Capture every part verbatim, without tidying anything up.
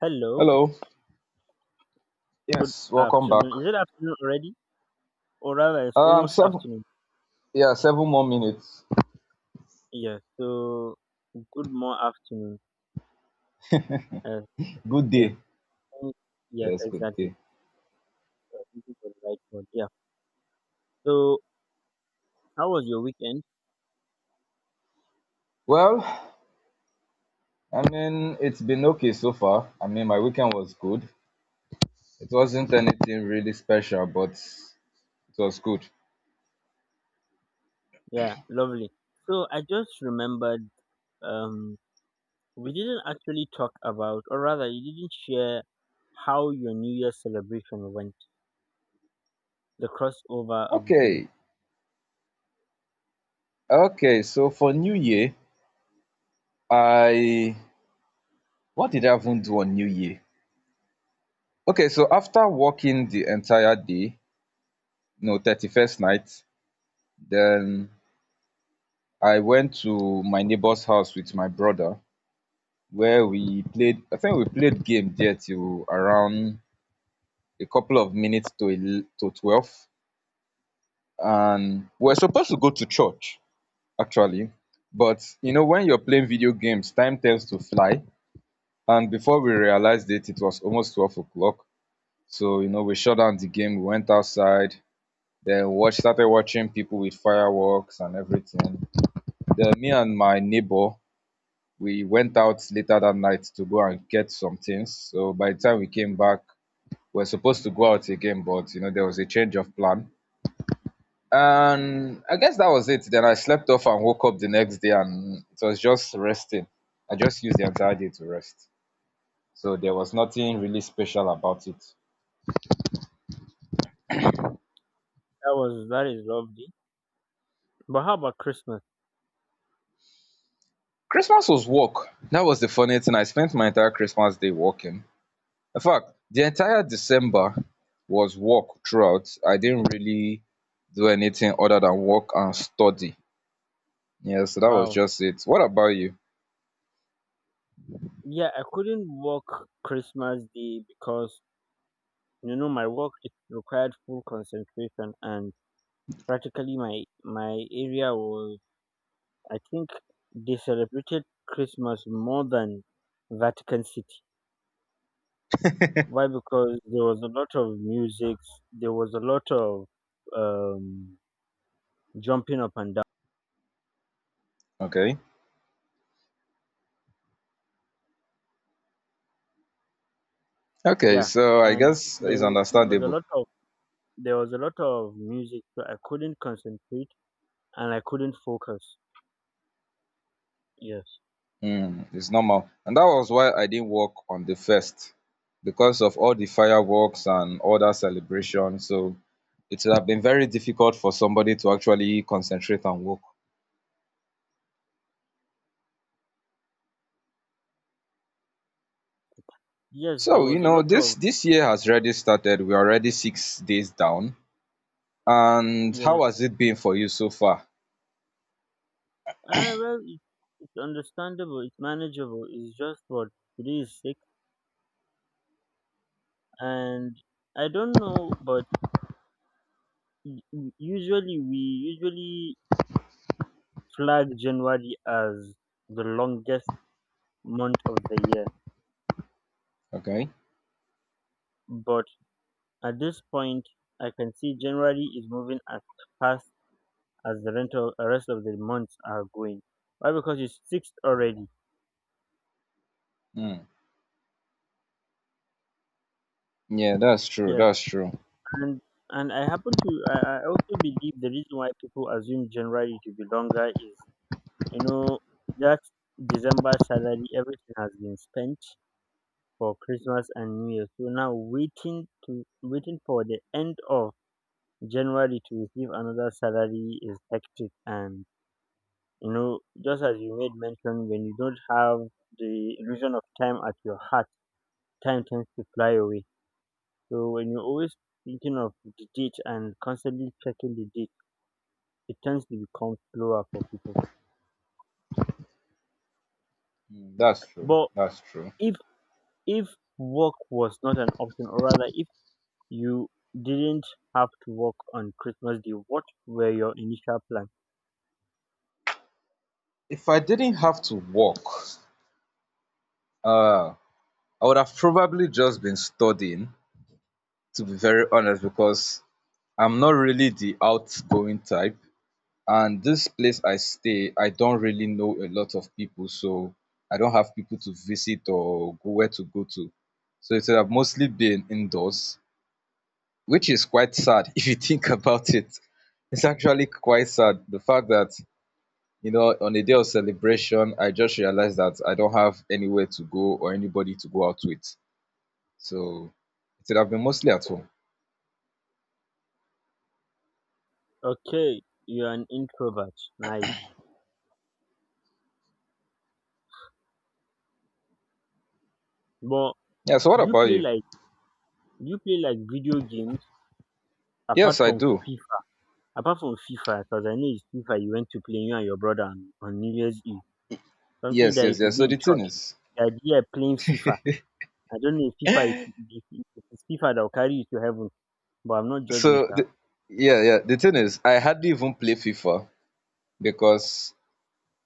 Hello, Hello. good Yes, welcome back. afternoon. Is it afternoon already? Or rather, it's Um, almost Seven, afternoon. yeah, seven more minutes. Yes, so good more afternoon. Yes, Good yes, day. thank- yes, Yes, good exactly. day. Uh, This is the right word. Yeah. So, how was your weekend? Well, I mean, it's been okay so far. I mean, my weekend was good. It wasn't anything really special, but it was good. Yeah, lovely. So, I just remembered um, we didn't actually talk about, or rather, you didn't share how your New Year celebration went, the crossover of the thing. Okay. Okay, so for New Year, I what did I even do on New Year? Okay, so after working the entire day, no, thirty-first night, then I went to my neighbor's house with my brother where we played, I think we played game there till around a couple of minutes to el- to twelve. And we're supposed to go to church, actually. But, you know, when you're playing video games, time tends to fly. And before we realized it, it was almost twelve o'clock. So, you know, we shut down the game, we went outside, then watch, started watching people with fireworks and everything. Then me and my neighbor, we went out later that night to go and get some things. So by the time we came back, we're supposed to go out again, but you know there was a change of plan. And I guess that was it. Then I slept off and woke up the next day, and it was just resting. I just used the entire day to rest, so there was nothing really special about it. That was, that is lovely. But how about Christmas? Christmas was work. That was the funny thing. I spent my entire Christmas day working. In fact, the entire December was work throughout. I didn't really do anything other than work and study. Yeah, so that was Wow. just it. What about you? Yeah, I couldn't work Christmas Day because you know my work it required full concentration and practically my my area was I think they celebrated Christmas more than Vatican City. Why? Because there was a lot of music, there was a lot of um, jumping up and down. Okay. Okay, Yeah, so I and guess there it's was, there was a understandable. lot of there was a lot of music, so I couldn't concentrate and I couldn't focus. Yes. Mm, it's normal. And that was why I didn't work on the first because of all the fireworks and all that celebration. So it would have been very difficult for somebody to actually concentrate and work. Yes, there So, you was a know, lot this of this year has already started. We're already six days down. And yes. how has it been for you so far? Ah, well, it, it's understandable. It's manageable. It's just what today is sick, and I don't know, but u- u- usually we usually flag January as the longest month of the year. Okay. But at this point, I can see January is moving as fast as the rental, uh, rest of the months are going. Why? Because it's sixth already. Mm, yeah, that's true. Yes. That's true. and and I happen to I, I also believe the reason why people assume January to be longer is you know that December salary everything has been spent for Christmas and New Year, so now waiting to waiting for the end of January to receive another salary is hectic. And you know, just as you made mention, when you don't have the illusion of time at your heart, time tends to fly away. So when you're always thinking of the date and constantly checking the date, it tends to become slower for people. Mm. That's true. But That's true. if if work was not an option, or rather, if you didn't have to work on Christmas Day, what were your initial plans? If I didn't have to work, uh I would have probably just been studying, to be very honest, because I'm not really the outgoing type. And this place I stay, I don't really know a lot of people, so I don't have people to visit or go where to go to. So it would have mostly been indoors, which is quite sad if you think about it. It's actually quite sad. The fact that, you know, on a day of celebration, I just realized that I don't have anywhere to go or anybody to go out with. So it would have been mostly at home. Okay, you're an introvert, nice. But Yeah. So what do you about play you? like do you play like video games apart Yes, I from do. FIFA? Apart from FIFA, because I know it's FIFA you went to play you and your brother on, on New Year's Eve. Something Yes, that you yes, should yes. be So in the thing church. is, The idea of playing FIFA. I don't know if FIFA is, if if it's FIFA that will carry you to heaven. But I'm not so judging the, Sha. yeah, yeah, the thing is, I hardly even play FIFA because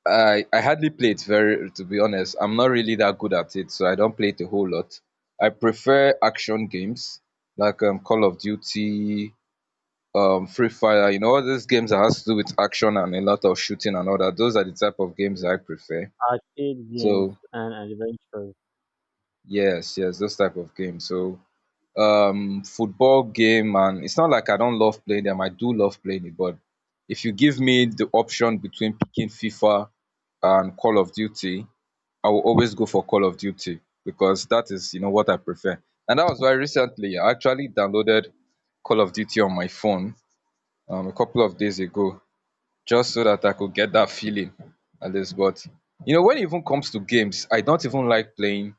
I I hardly play it. Very to be honest, I'm not really that good at it, so I don't play it a whole lot. I prefer action games like um, Call of Duty, um, Free Fire. You know, all these games that has to do with action and a lot of shooting and all that. Those are the type of games I prefer. Arcade games So and adventures. yes, yes, those type of games. So um football game, and it's not like I don't love playing them. I do love playing it, but if you give me the option between picking FIFA and Call of Duty, I will always go for Call of Duty because that is, you know, what I prefer. And that was why recently I actually downloaded Call of Duty on my phone um, a couple of days ago, just so that I could get that feeling at least. But you know, when it even comes to games, I don't even like playing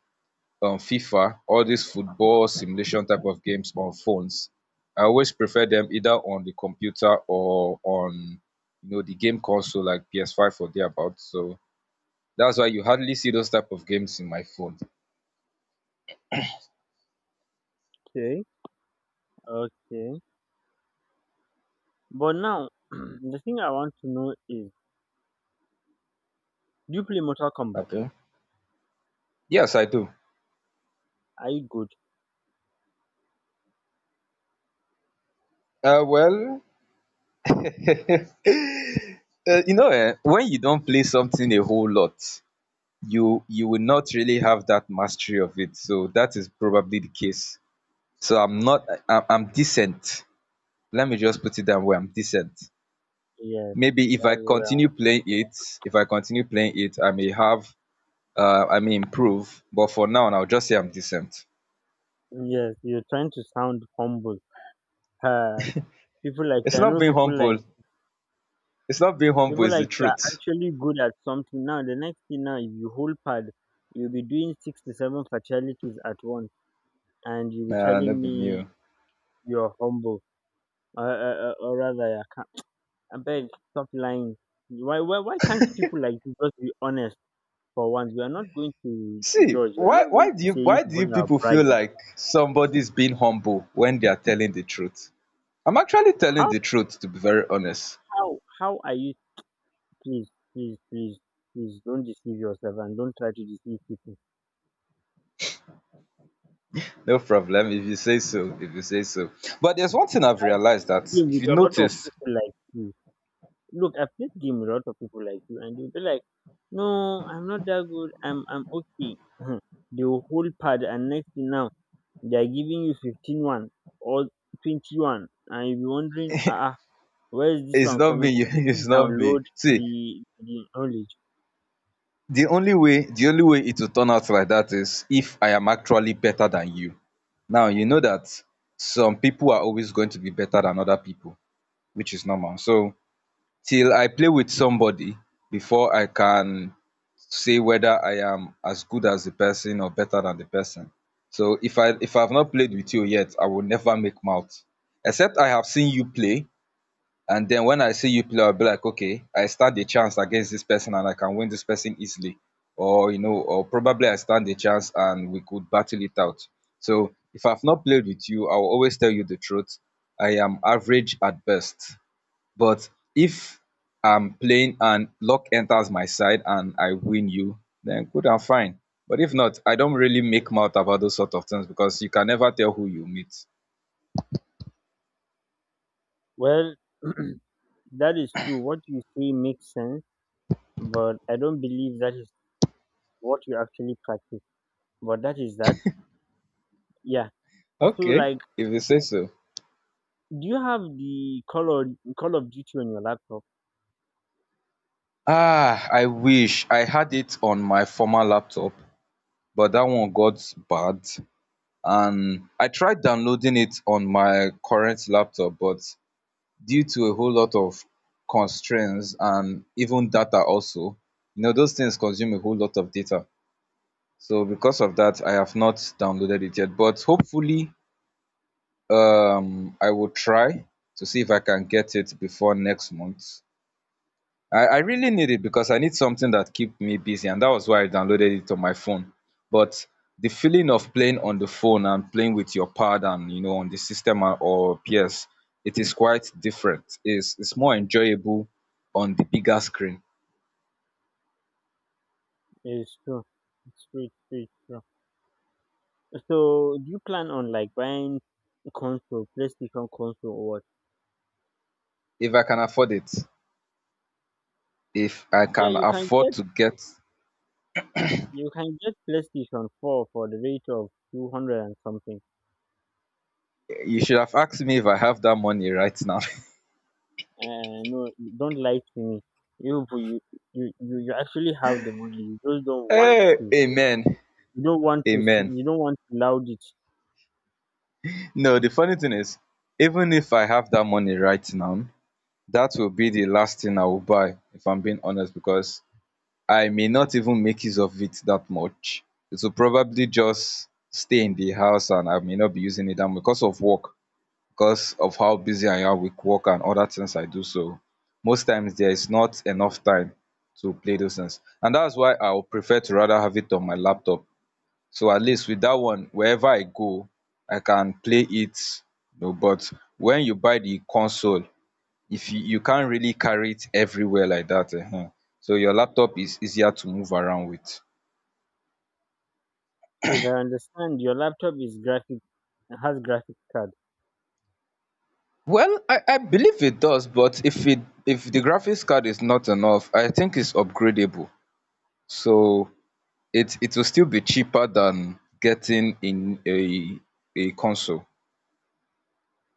um FIFA, all these football simulation type of games on phones. I always prefer them either on the computer or on you know the game console like P S five or thereabout. So that's why you hardly see those type of games in my phone. Okay, okay. But now, the thing I want to know is, do you play Mortal Kombat? Okay. Yes, I do. Are you good? Uh, well, uh, you know, eh, when you don't play something a whole lot, you you will not really have that mastery of it. So that is probably the case. So I'm not. I, I'm decent, let me just put it down where I'm decent. Yes, Maybe if I that's what I continue playing it, if I continue playing it I may have uh, i may improve, but for now I'll just say I'm decent. want. Yes, you're trying to sound humble. Uh, People like you, it's I not know being people like humble it's not being humble, people it's like the you are truth. actually good at something. Now, the next thing now is you whole pad. You'll be doing six to seven fatalities at once, and you'll be Nah, telling not being you. me you're humble, uh, uh, uh, or rather, you're I beg, stop lying. Why why why can't people like you just be honest for once? We are not going to see judge. We are why not going why to do you say you why do people you are people feel bragging. like somebody's being humble when they are telling the truth? I'm actually telling How the truth, to be very honest. how how are you, please please please, please don't deceive yourself and don't try to deceive people. No problem. If you say so if you say so. But there's one thing I've realized that Game if with you a lot of notice. people like you. Look, I've played game with a lot of people like you and you'll be like, no, I'm not that good, I'm I'm okay. They will hold pad and next thing now they are giving you fifteen one or twenty-one, and you'll be wondering, ah ah, where is this It's one not coming me. from? Did he It's not me. download See, the the knowledge? the only way the only way it will turn out like that is if I am actually better than you. Now you know that some people are always going to be better than other people, which is normal. So till I play with somebody before I can say whether I am as good as the person or better than the person. So if I if I've not played with you yet, I will never make mouth. Except I have seen you play. And then when I see you play, I'll be like, okay, I stand a chance against this person and I can win this person easily. Or, you know, or probably I stand a chance and we could battle it out. So if I've not played with you, I will always tell you the truth. I am average at best. But if I'm playing and luck enters my side and I win you, then good and fine. But if not, I don't really make mouth about those sort of things because you can never tell who you meet. Well, that is true. What you say makes sense, but I don't believe that is what you actually practice. But that is that. Yeah. So Okay, like, if you say so. do you have the Call of Call of Duty on your laptop? Ah, I wish I had it on my former laptop, but that one got bad, and I tried downloading it on my current laptop, but due to a whole lot of constraints, and even data also, you know those things consume a whole lot of data. So because of that, I have not downloaded it yet. But hopefully, um I will try to see if I can get it before next month. I i really need it because I need something that keep me busy, and that was why I downloaded it on my phone. But the feeling of playing on the phone and playing with your pad, and you know on the system, and- or P S, it is quite different. It's it's more enjoyable on the bigger screen. It's true. It's true. It's true. It's true. So do you plan on like buying a console, PlayStation console, or what? If I can afford it. If I Yeah, can you can afford get to get. you can get PlayStation Four for the rate of two hundred and something. You should have asked me if I have that money right now. Uh, no, you don't lie to me. you but you, you you you actually have the money, you just don't want, Hey, amen, you don't want to s- amen. you don't want to loud it. No, the funny thing is, even if I have that money right now, that will be the last thing I will buy, if I'm being honest, because I may not even make use of it that much. It will probably just stay in the house, and I may not be using it that much because of work, because of how busy I am with work and other things I do. So most times there is not enough time to play those things, and that's why I would prefer to rather have it on my laptop. So at least with that one, wherever I go, i can play it you know but when you buy the console, if you you can't really carry it everywhere like that, um so your laptop is easier to move around with. If I understand, your laptop is graphic has graphic card. Well, i i believe it does, but if it if the graphics card is not enough, I think it's upgradable. So it it will still be cheaper than getting in a a console.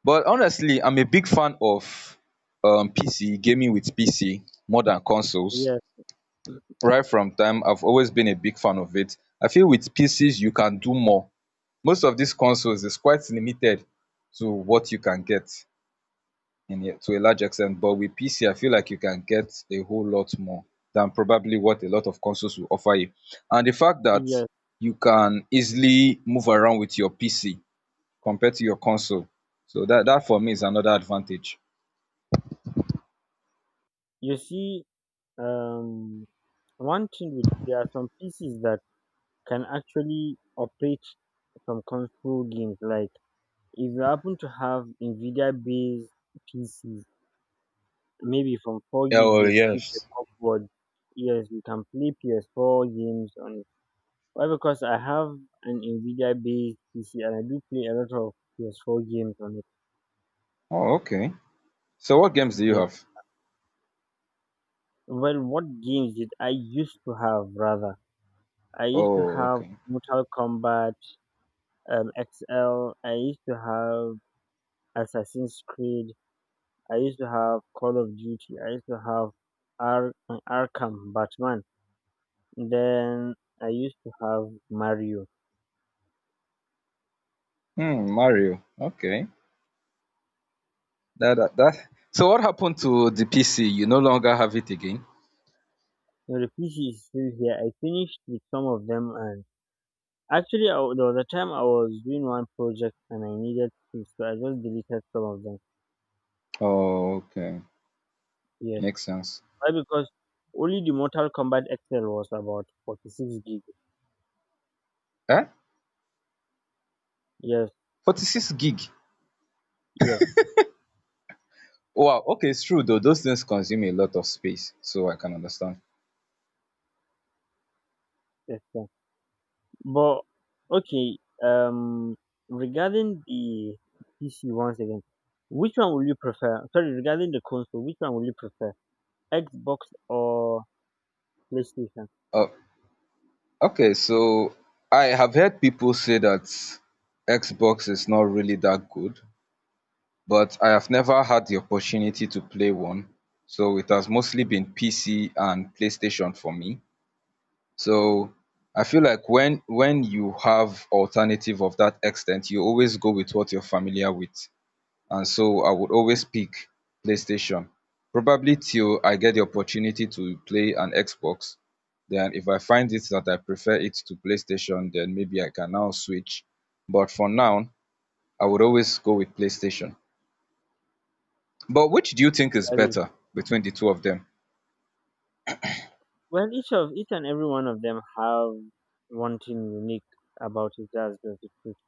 But honestly, I'm a big fan of um P C gaming. With P C more than consoles, Yes, right from time I've always been a big fan of it. I feel with P Cs you can do more. Most of these consoles is quite limited to what you can get, in a, to a large extent. But with P C, I feel like you can get a whole lot more than probably what a lot of consoles will offer you. And the fact that yes, you can easily move around with your P C compared to your console, so that that, for me, is another advantage. you see, um one thing with there are some PCs that can actually operate from console games, like if you happen to have NVIDIA based PCs, maybe from four gig Oh, dedicated yes. upwards. Yes, you can play P S four games on. Why? Because I have an NVIDIA based P C and I do play a lot of P S four games on it. Oh, okay. So what games do you Yeah. have? Well, what games did I used to have rather? I used to Oh, have okay. Mortal Kombat um, X L. I used to have Assassin's Creed. I used to have Call of Duty. I used to have Ar- Arkham Batman. Then I used to have Mario. Hmm, Mario, okay. That that, that. So what happened to the P C? You no longer have it again? You know, the P C is still here. I finished with some of them, and actually, I, there was a time I was doing one project and I needed things, so I just deleted some of them. Oh, okay. Yes, Makes sense. why? Because only the Mortal Kombat X L was about forty-six gig. Eh? Yes, forty-six gig. yes, Wow. Okay, it's true though. Those things consume a lot of space, so I can understand. yes, yes. But okay, um, regarding the P C once again, which one will you prefer? Sorry, regarding the console, which one will you prefer, Xbox or PlayStation? Oh, okay. So I have heard people say that Xbox is not really that good, but I have never had the opportunity to play one. So it has mostly been P C and PlayStation for me. So I feel like when when you have alternative of that extent, you always go with what you're familiar with. And so I would always pick PlayStation, probably till I get the opportunity to play an Xbox. Then if I find it that I prefer it to PlayStation, then maybe I can now switch. But for now, I would always go with PlayStation. But which do you think is That is, better between the two of them? well, each of each and every one of them have one thing unique about it. That's the truth.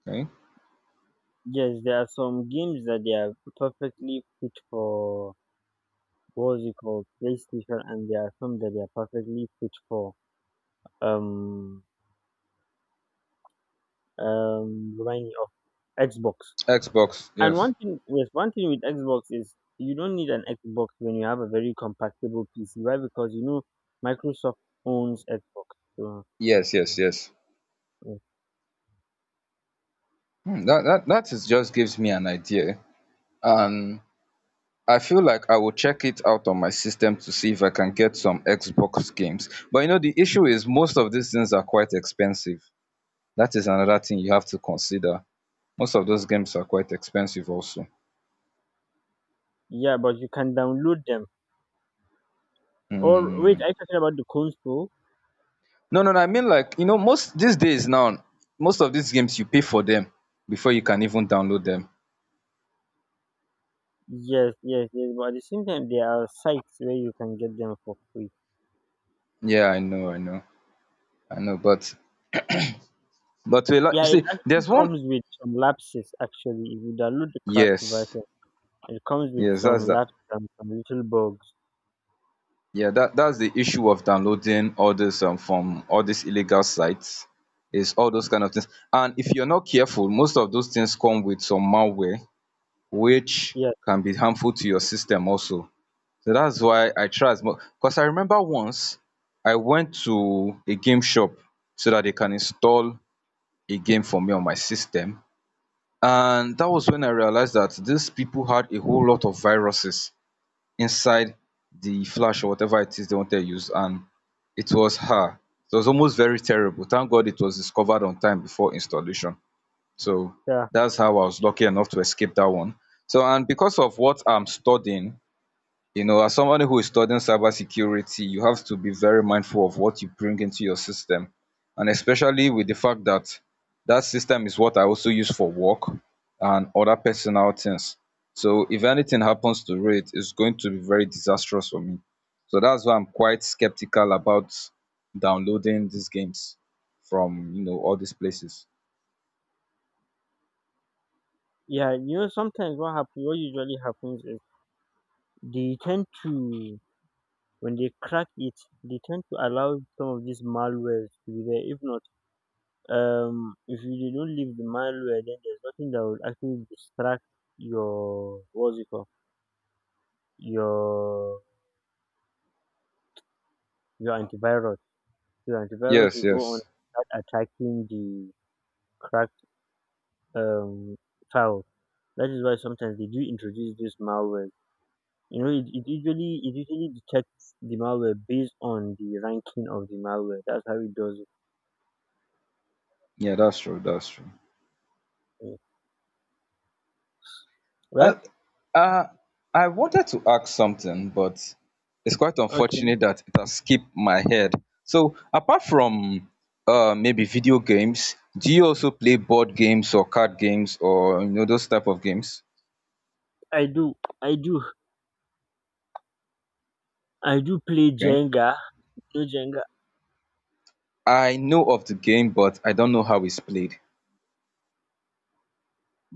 Okay. Yes, there are some games that they are perfectly fit for what's it called PlayStation, and there are some that they are perfectly fit for um um remind me of Xbox. Xbox, And yes. one thing, yes, one thing with Xbox is you don't need an Xbox when you have a very compatible P C. Why? Because you know Microsoft owns Xbox. So, Yes, yes, yes. Hmm, that that that is just gives me an idea, and I feel like I will check it out on my system to see if I can get some Xbox games. But you know the issue is most of these things are quite expensive. That is another thing you have to consider. Most of those games are quite expensive also. yeah, but you can download them. Or wait, mm. are you talking about the Kunsto? No, no, no, I mean like you know most these days now, most of these games you pay for them before you can even download them. Yes, yes, yes. But at the same time, there are sites where you can get them for free. Yeah, I know, i know I know, but but a lot, Yeah, it see actually there's one. comes with some lapses. Actually, if you download the cracked Yes, version, it comes with yes, that's some that. lapses and some little bugs. Yeah, that that's the issue of downloading all this um, from all these illegal sites is all those kind of things. And if you're not careful, most of those things come with some malware which Yes, can be harmful to your system also. So that's why I try as much because I remember once I went to a game shop so that they can install a game for me on my system. And that was when I realized that these people had a whole lot of viruses inside the flash or whatever it is they wanted to use. And it was her. It was almost very terrible. Thank God it was discovered on time before installation. So yeah, that's how I was lucky enough to escape that one. So and because of what I'm studying, you know, as somebody who is studying cybersecurity, you have to be very mindful of what you bring into your system, and especially with the fact that that system is what I also use for work and other personal things. So if anything happens to it, it's going to be very disastrous for me. So that's why I'm quite skeptical about downloading these games from, you know, all these places. yeah. You know, sometimes what happens, what usually happens is they tend to, when they crack it, they tend to allow some of these malwares to be there. If not, um if you dey don't leave the malware, then there's nothing that will actually distract your what's it called, your your antivirus. Your antivirus Yes, will go on yes. and start attacking the cracked um file. That is why sometimes they do introduce this malware. You know, it, it usually, it usually detects the malware based on the ranking of the malware. That's how it does it. Yeah, that's true, that's true Mm. Well, Uh, uh, I wanted to ask something, but it's quite okay, unfortunate that it has skipped my head. So, apart from uh, maybe video games, do you also play board games or card games, or you know those type of games? i do i do I do play Okay. jenga. You jenga? I know of the game, but I don't know how it's played.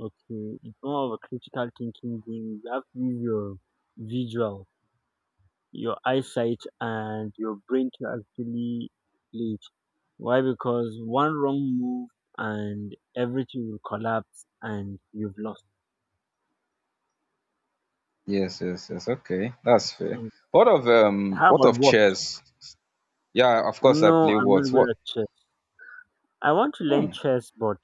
Okay, it's more of a critical thinking game. You have to use your visual, your eyesight, and your brain to actually play it. Why? Because one wrong move and everything will collapse and you've lost. Yes, yes, yes. Okay, that's fair. Mm. What of um, How what about of what? chess? Yeah, of course I No, play I'm what? not good What? at chess. I want to learn Hmm. chess, but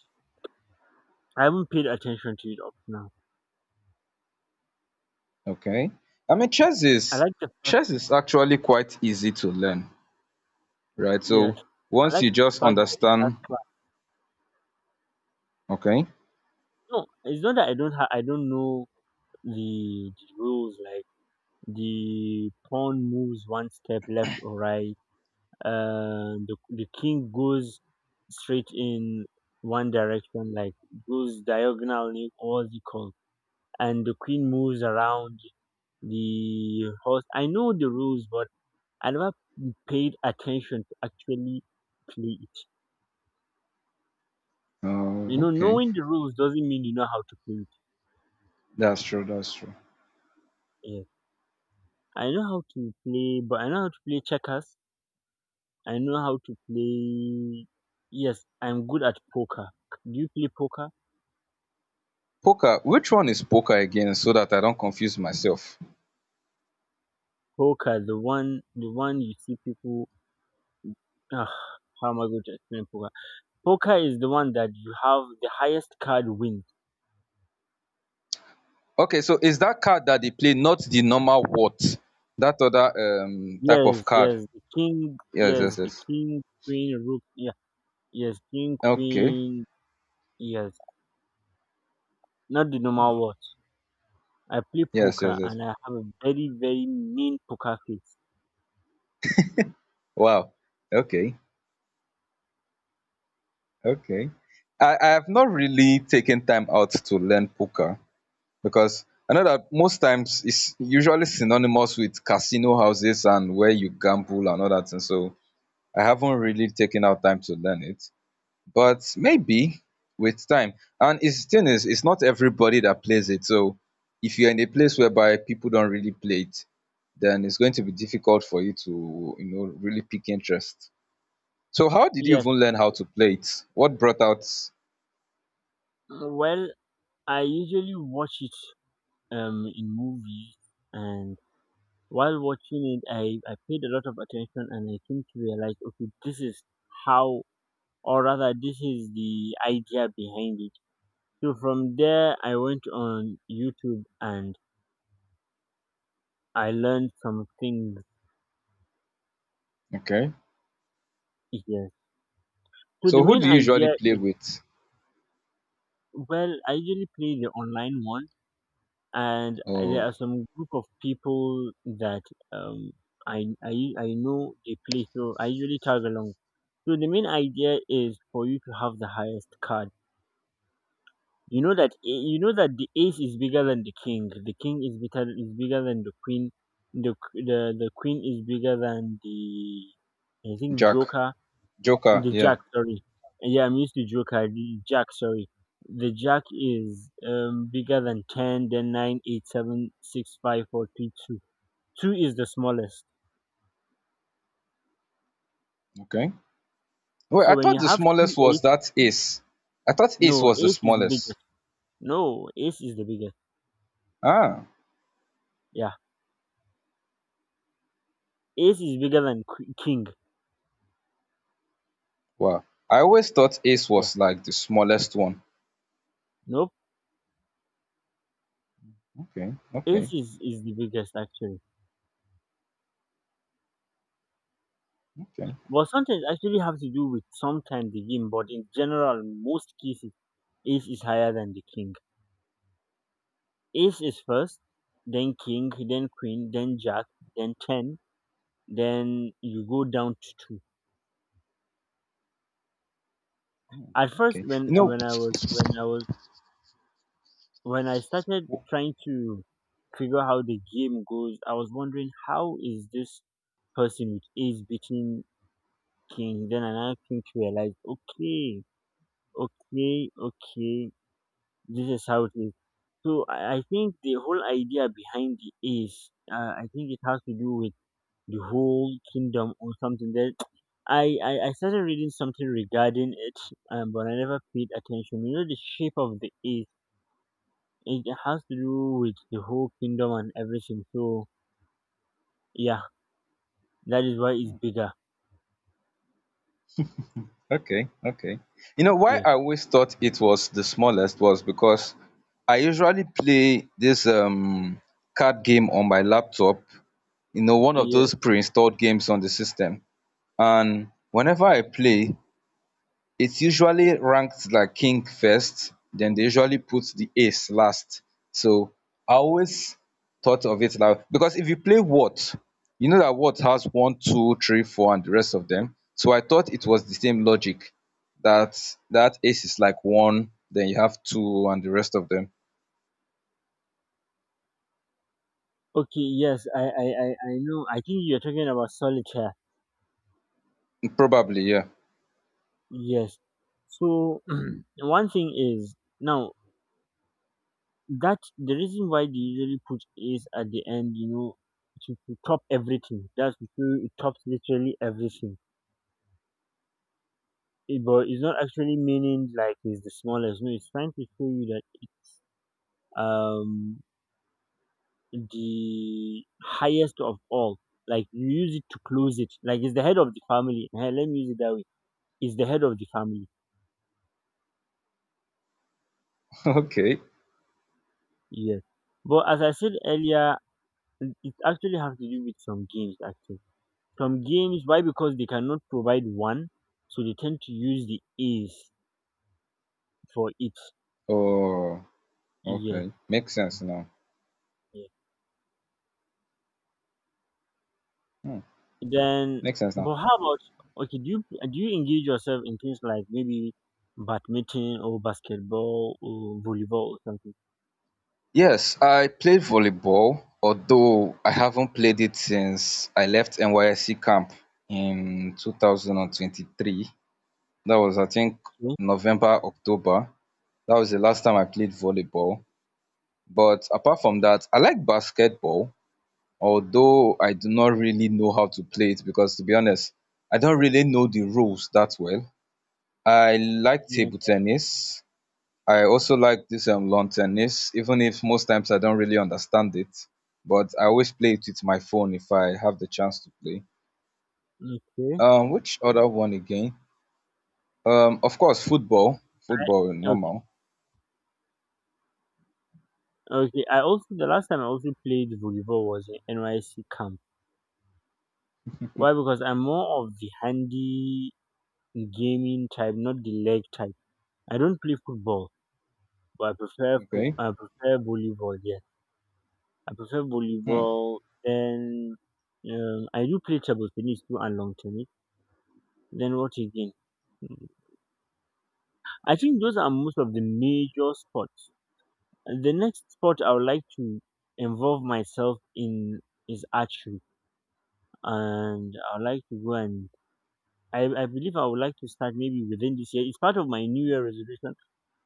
I haven't paid attention to it up now. Okay. I mean, chess I is like the fact, chess is actually quite easy to learn, that, right? yes, So I once like you the just fact that it has understand, class. okay, No, it's not that I don't ha- I don't know the, the rules like. The pawn moves one step left or right, and the, the king goes straight in one direction, like goes diagonal, what's it called? And the queen moves around the horse. I know the rules, but I never paid attention to actually play it. You uh, know, okay, knowing the rules doesn't mean you know how to play it. that's true, that's true. Yeah. I know how to play, but I know how to play checkers. I know how to play. Yes, I'm good at poker. Do you play poker? Poker, which one is poker again, so that I don't confuse myself? Poker, the one, the one you see people. Ugh, how am I going to explain poker? Poker is the one that you have the highest card wins. Okay, so is that card that they play not the normal what? That other um type of Yes, card? yes, the king. Yes, Yes, yes, the yes. king, queen, rook. Yeah, yes, king, Okay, queen. Yes, not the normal one. I play yes, yes, poker yes. and I have a very, very mean poker face. Wow. Okay, okay. I I have not really taken time out to learn poker, because I know that most times it's usually synonymous with casino houses and where you gamble and all that. And so I haven't really taken out time to learn it. But maybe with time. And it's thing is it's not everybody that plays it. So if you're in a place whereby people don't really play it, then it's going to be difficult for you to, you know, really pick interest. So how did you Yes. even learn how to play it? What brought out? Well, I usually watch it um in movie, and while watching it, I I paid a lot of attention and I came to realize, okay, this is how or rather, this is the idea behind it. So from there I went on YouTube and I learned some things Okay. here. So the So who main do you idea, usually play with? well, I usually play the online one, and there are Oh, some group of people that um I, I I know they play, so I usually tag along. So the main idea is for you to have the highest card. You know that, a- you know that the ace is bigger than the king. The king is bigger is bigger than the queen. The q- the the queen is bigger than the I think jack. joker. Joker, The yeah. jack, sorry. Yeah, I'm used to joker. The jack, sorry. The jack is um bigger than ten. Then nine, eight, seven, six, five, four, three, two. Two is the smallest. Okay. Wait, I So when thought you the have three smallest ace, was that ace. I thought no ace was the ace is the smallest. biggest. No ace is the biggest. Ah, Yeah. Ace is bigger than qu- king. wow. I always thought ace Yeah. was like the smallest one. Nope. Okay, Ace okay, is, is the biggest actually. okay, But sometimes actually have to do with sometimes the game, but in general, most cases, ace is higher than the king. Ace is first, then king, then queen, then jack, then ten, then you go down to two. At first, okay. when You know, when I was when I was when I started w- trying to figure how the game goes, I was wondering how is this person with ace beating. Okay, then another thing to realize, okay, okay, okay, this is how it is. So I, I think the whole idea behind the is, uh, I think it has to do with the whole kingdom or something. That I, I I started reading something regarding it, um, but I never paid attention. You know, the shape of the ace, it has to do with the whole kingdom and everything. So yeah, that is why it's bigger. okay, okay. You know why Yes, I always thought it was the smallest was because I usually play this um card game on my laptop. You know, one of yes. those pre-installed games on the system. And whenever I play, it's usually ranked like king first, then they usually put the ace last. So I always thought of it like, because if you play what, you know that what has one, two, three, four, and the rest of them. So I thought it was the same logic that that ace is like one, then you have two, and the rest of them. Okay, yes, I, I, I, I know. I think you're talking about solitaire. Probably, yeah. Yes. So one thing is now that the reason why they usually put is at the end, you know, to, to top everything. That's because it tops literally everything. It, but it's not actually meaning like it's the smallest. No, it's trying to show you that um the highest of all. Like you use it to close it. Like it's the head of the family. Eh, let me use it that way. It's the head of the family. Okay. Yes. But as I said earlier, it it actually has to do with some games actually. Some games, why? Because they cannot provide one, so they tend to use the A's for it. Oh, Yeah, okay. Makes sense now. yeah. Then, Makes sense now. but how about okay? Do you do you engage yourself in things like maybe badminton or basketball or volleyball or something? Yes, I played volleyball, although I haven't played it since I left N Y S C camp in two thousand twenty-three. That was, I think, Yeah. November, October. That was the last time I played volleyball. But apart from that, I like basketball, although I do not really know how to play it because, to be honest, I don't really know the rules that well. I like Yeah. table tennis. I also like this um lawn tennis, even if most times I don't really understand it, but I always play it with my phone if I have the chance to play. Okay. Um which other one again? Um of course football. Football I, normal. okay. Okay. I also the last time I also played volleyball was in N Y C camp. Why? Because I'm more of the handy gaming type, not the leg type. I don't play football. But I prefer po Okay. I prefer volleyball, yes. I prefer Hmm. volleyball. Then um, I do play table tennis too and long tennis. Then what again? Mm, I think those are most of the major sports. The next sport I would like to involve myself in is archery, and I would like to go and I, I believe I would like to start maybe within this year. It's part of my New Year resolution.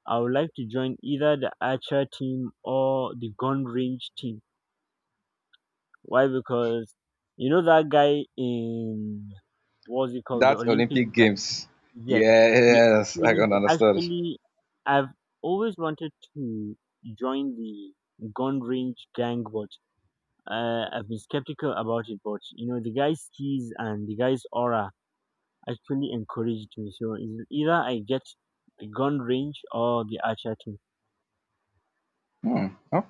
I would like to join either the archer team or the gun range team. Why? Because you know that guy in what's it called the That Olympics Olympic guy? games. Yes, he Yes, I actually, can he understand. actually, I've always wanted to join the gun range gang, but uh, I've been skeptical about it. But you know, the guy's skis and the guy's aura actually encouraged me. So it's either I get the gun range or the archer Hmm. Okay.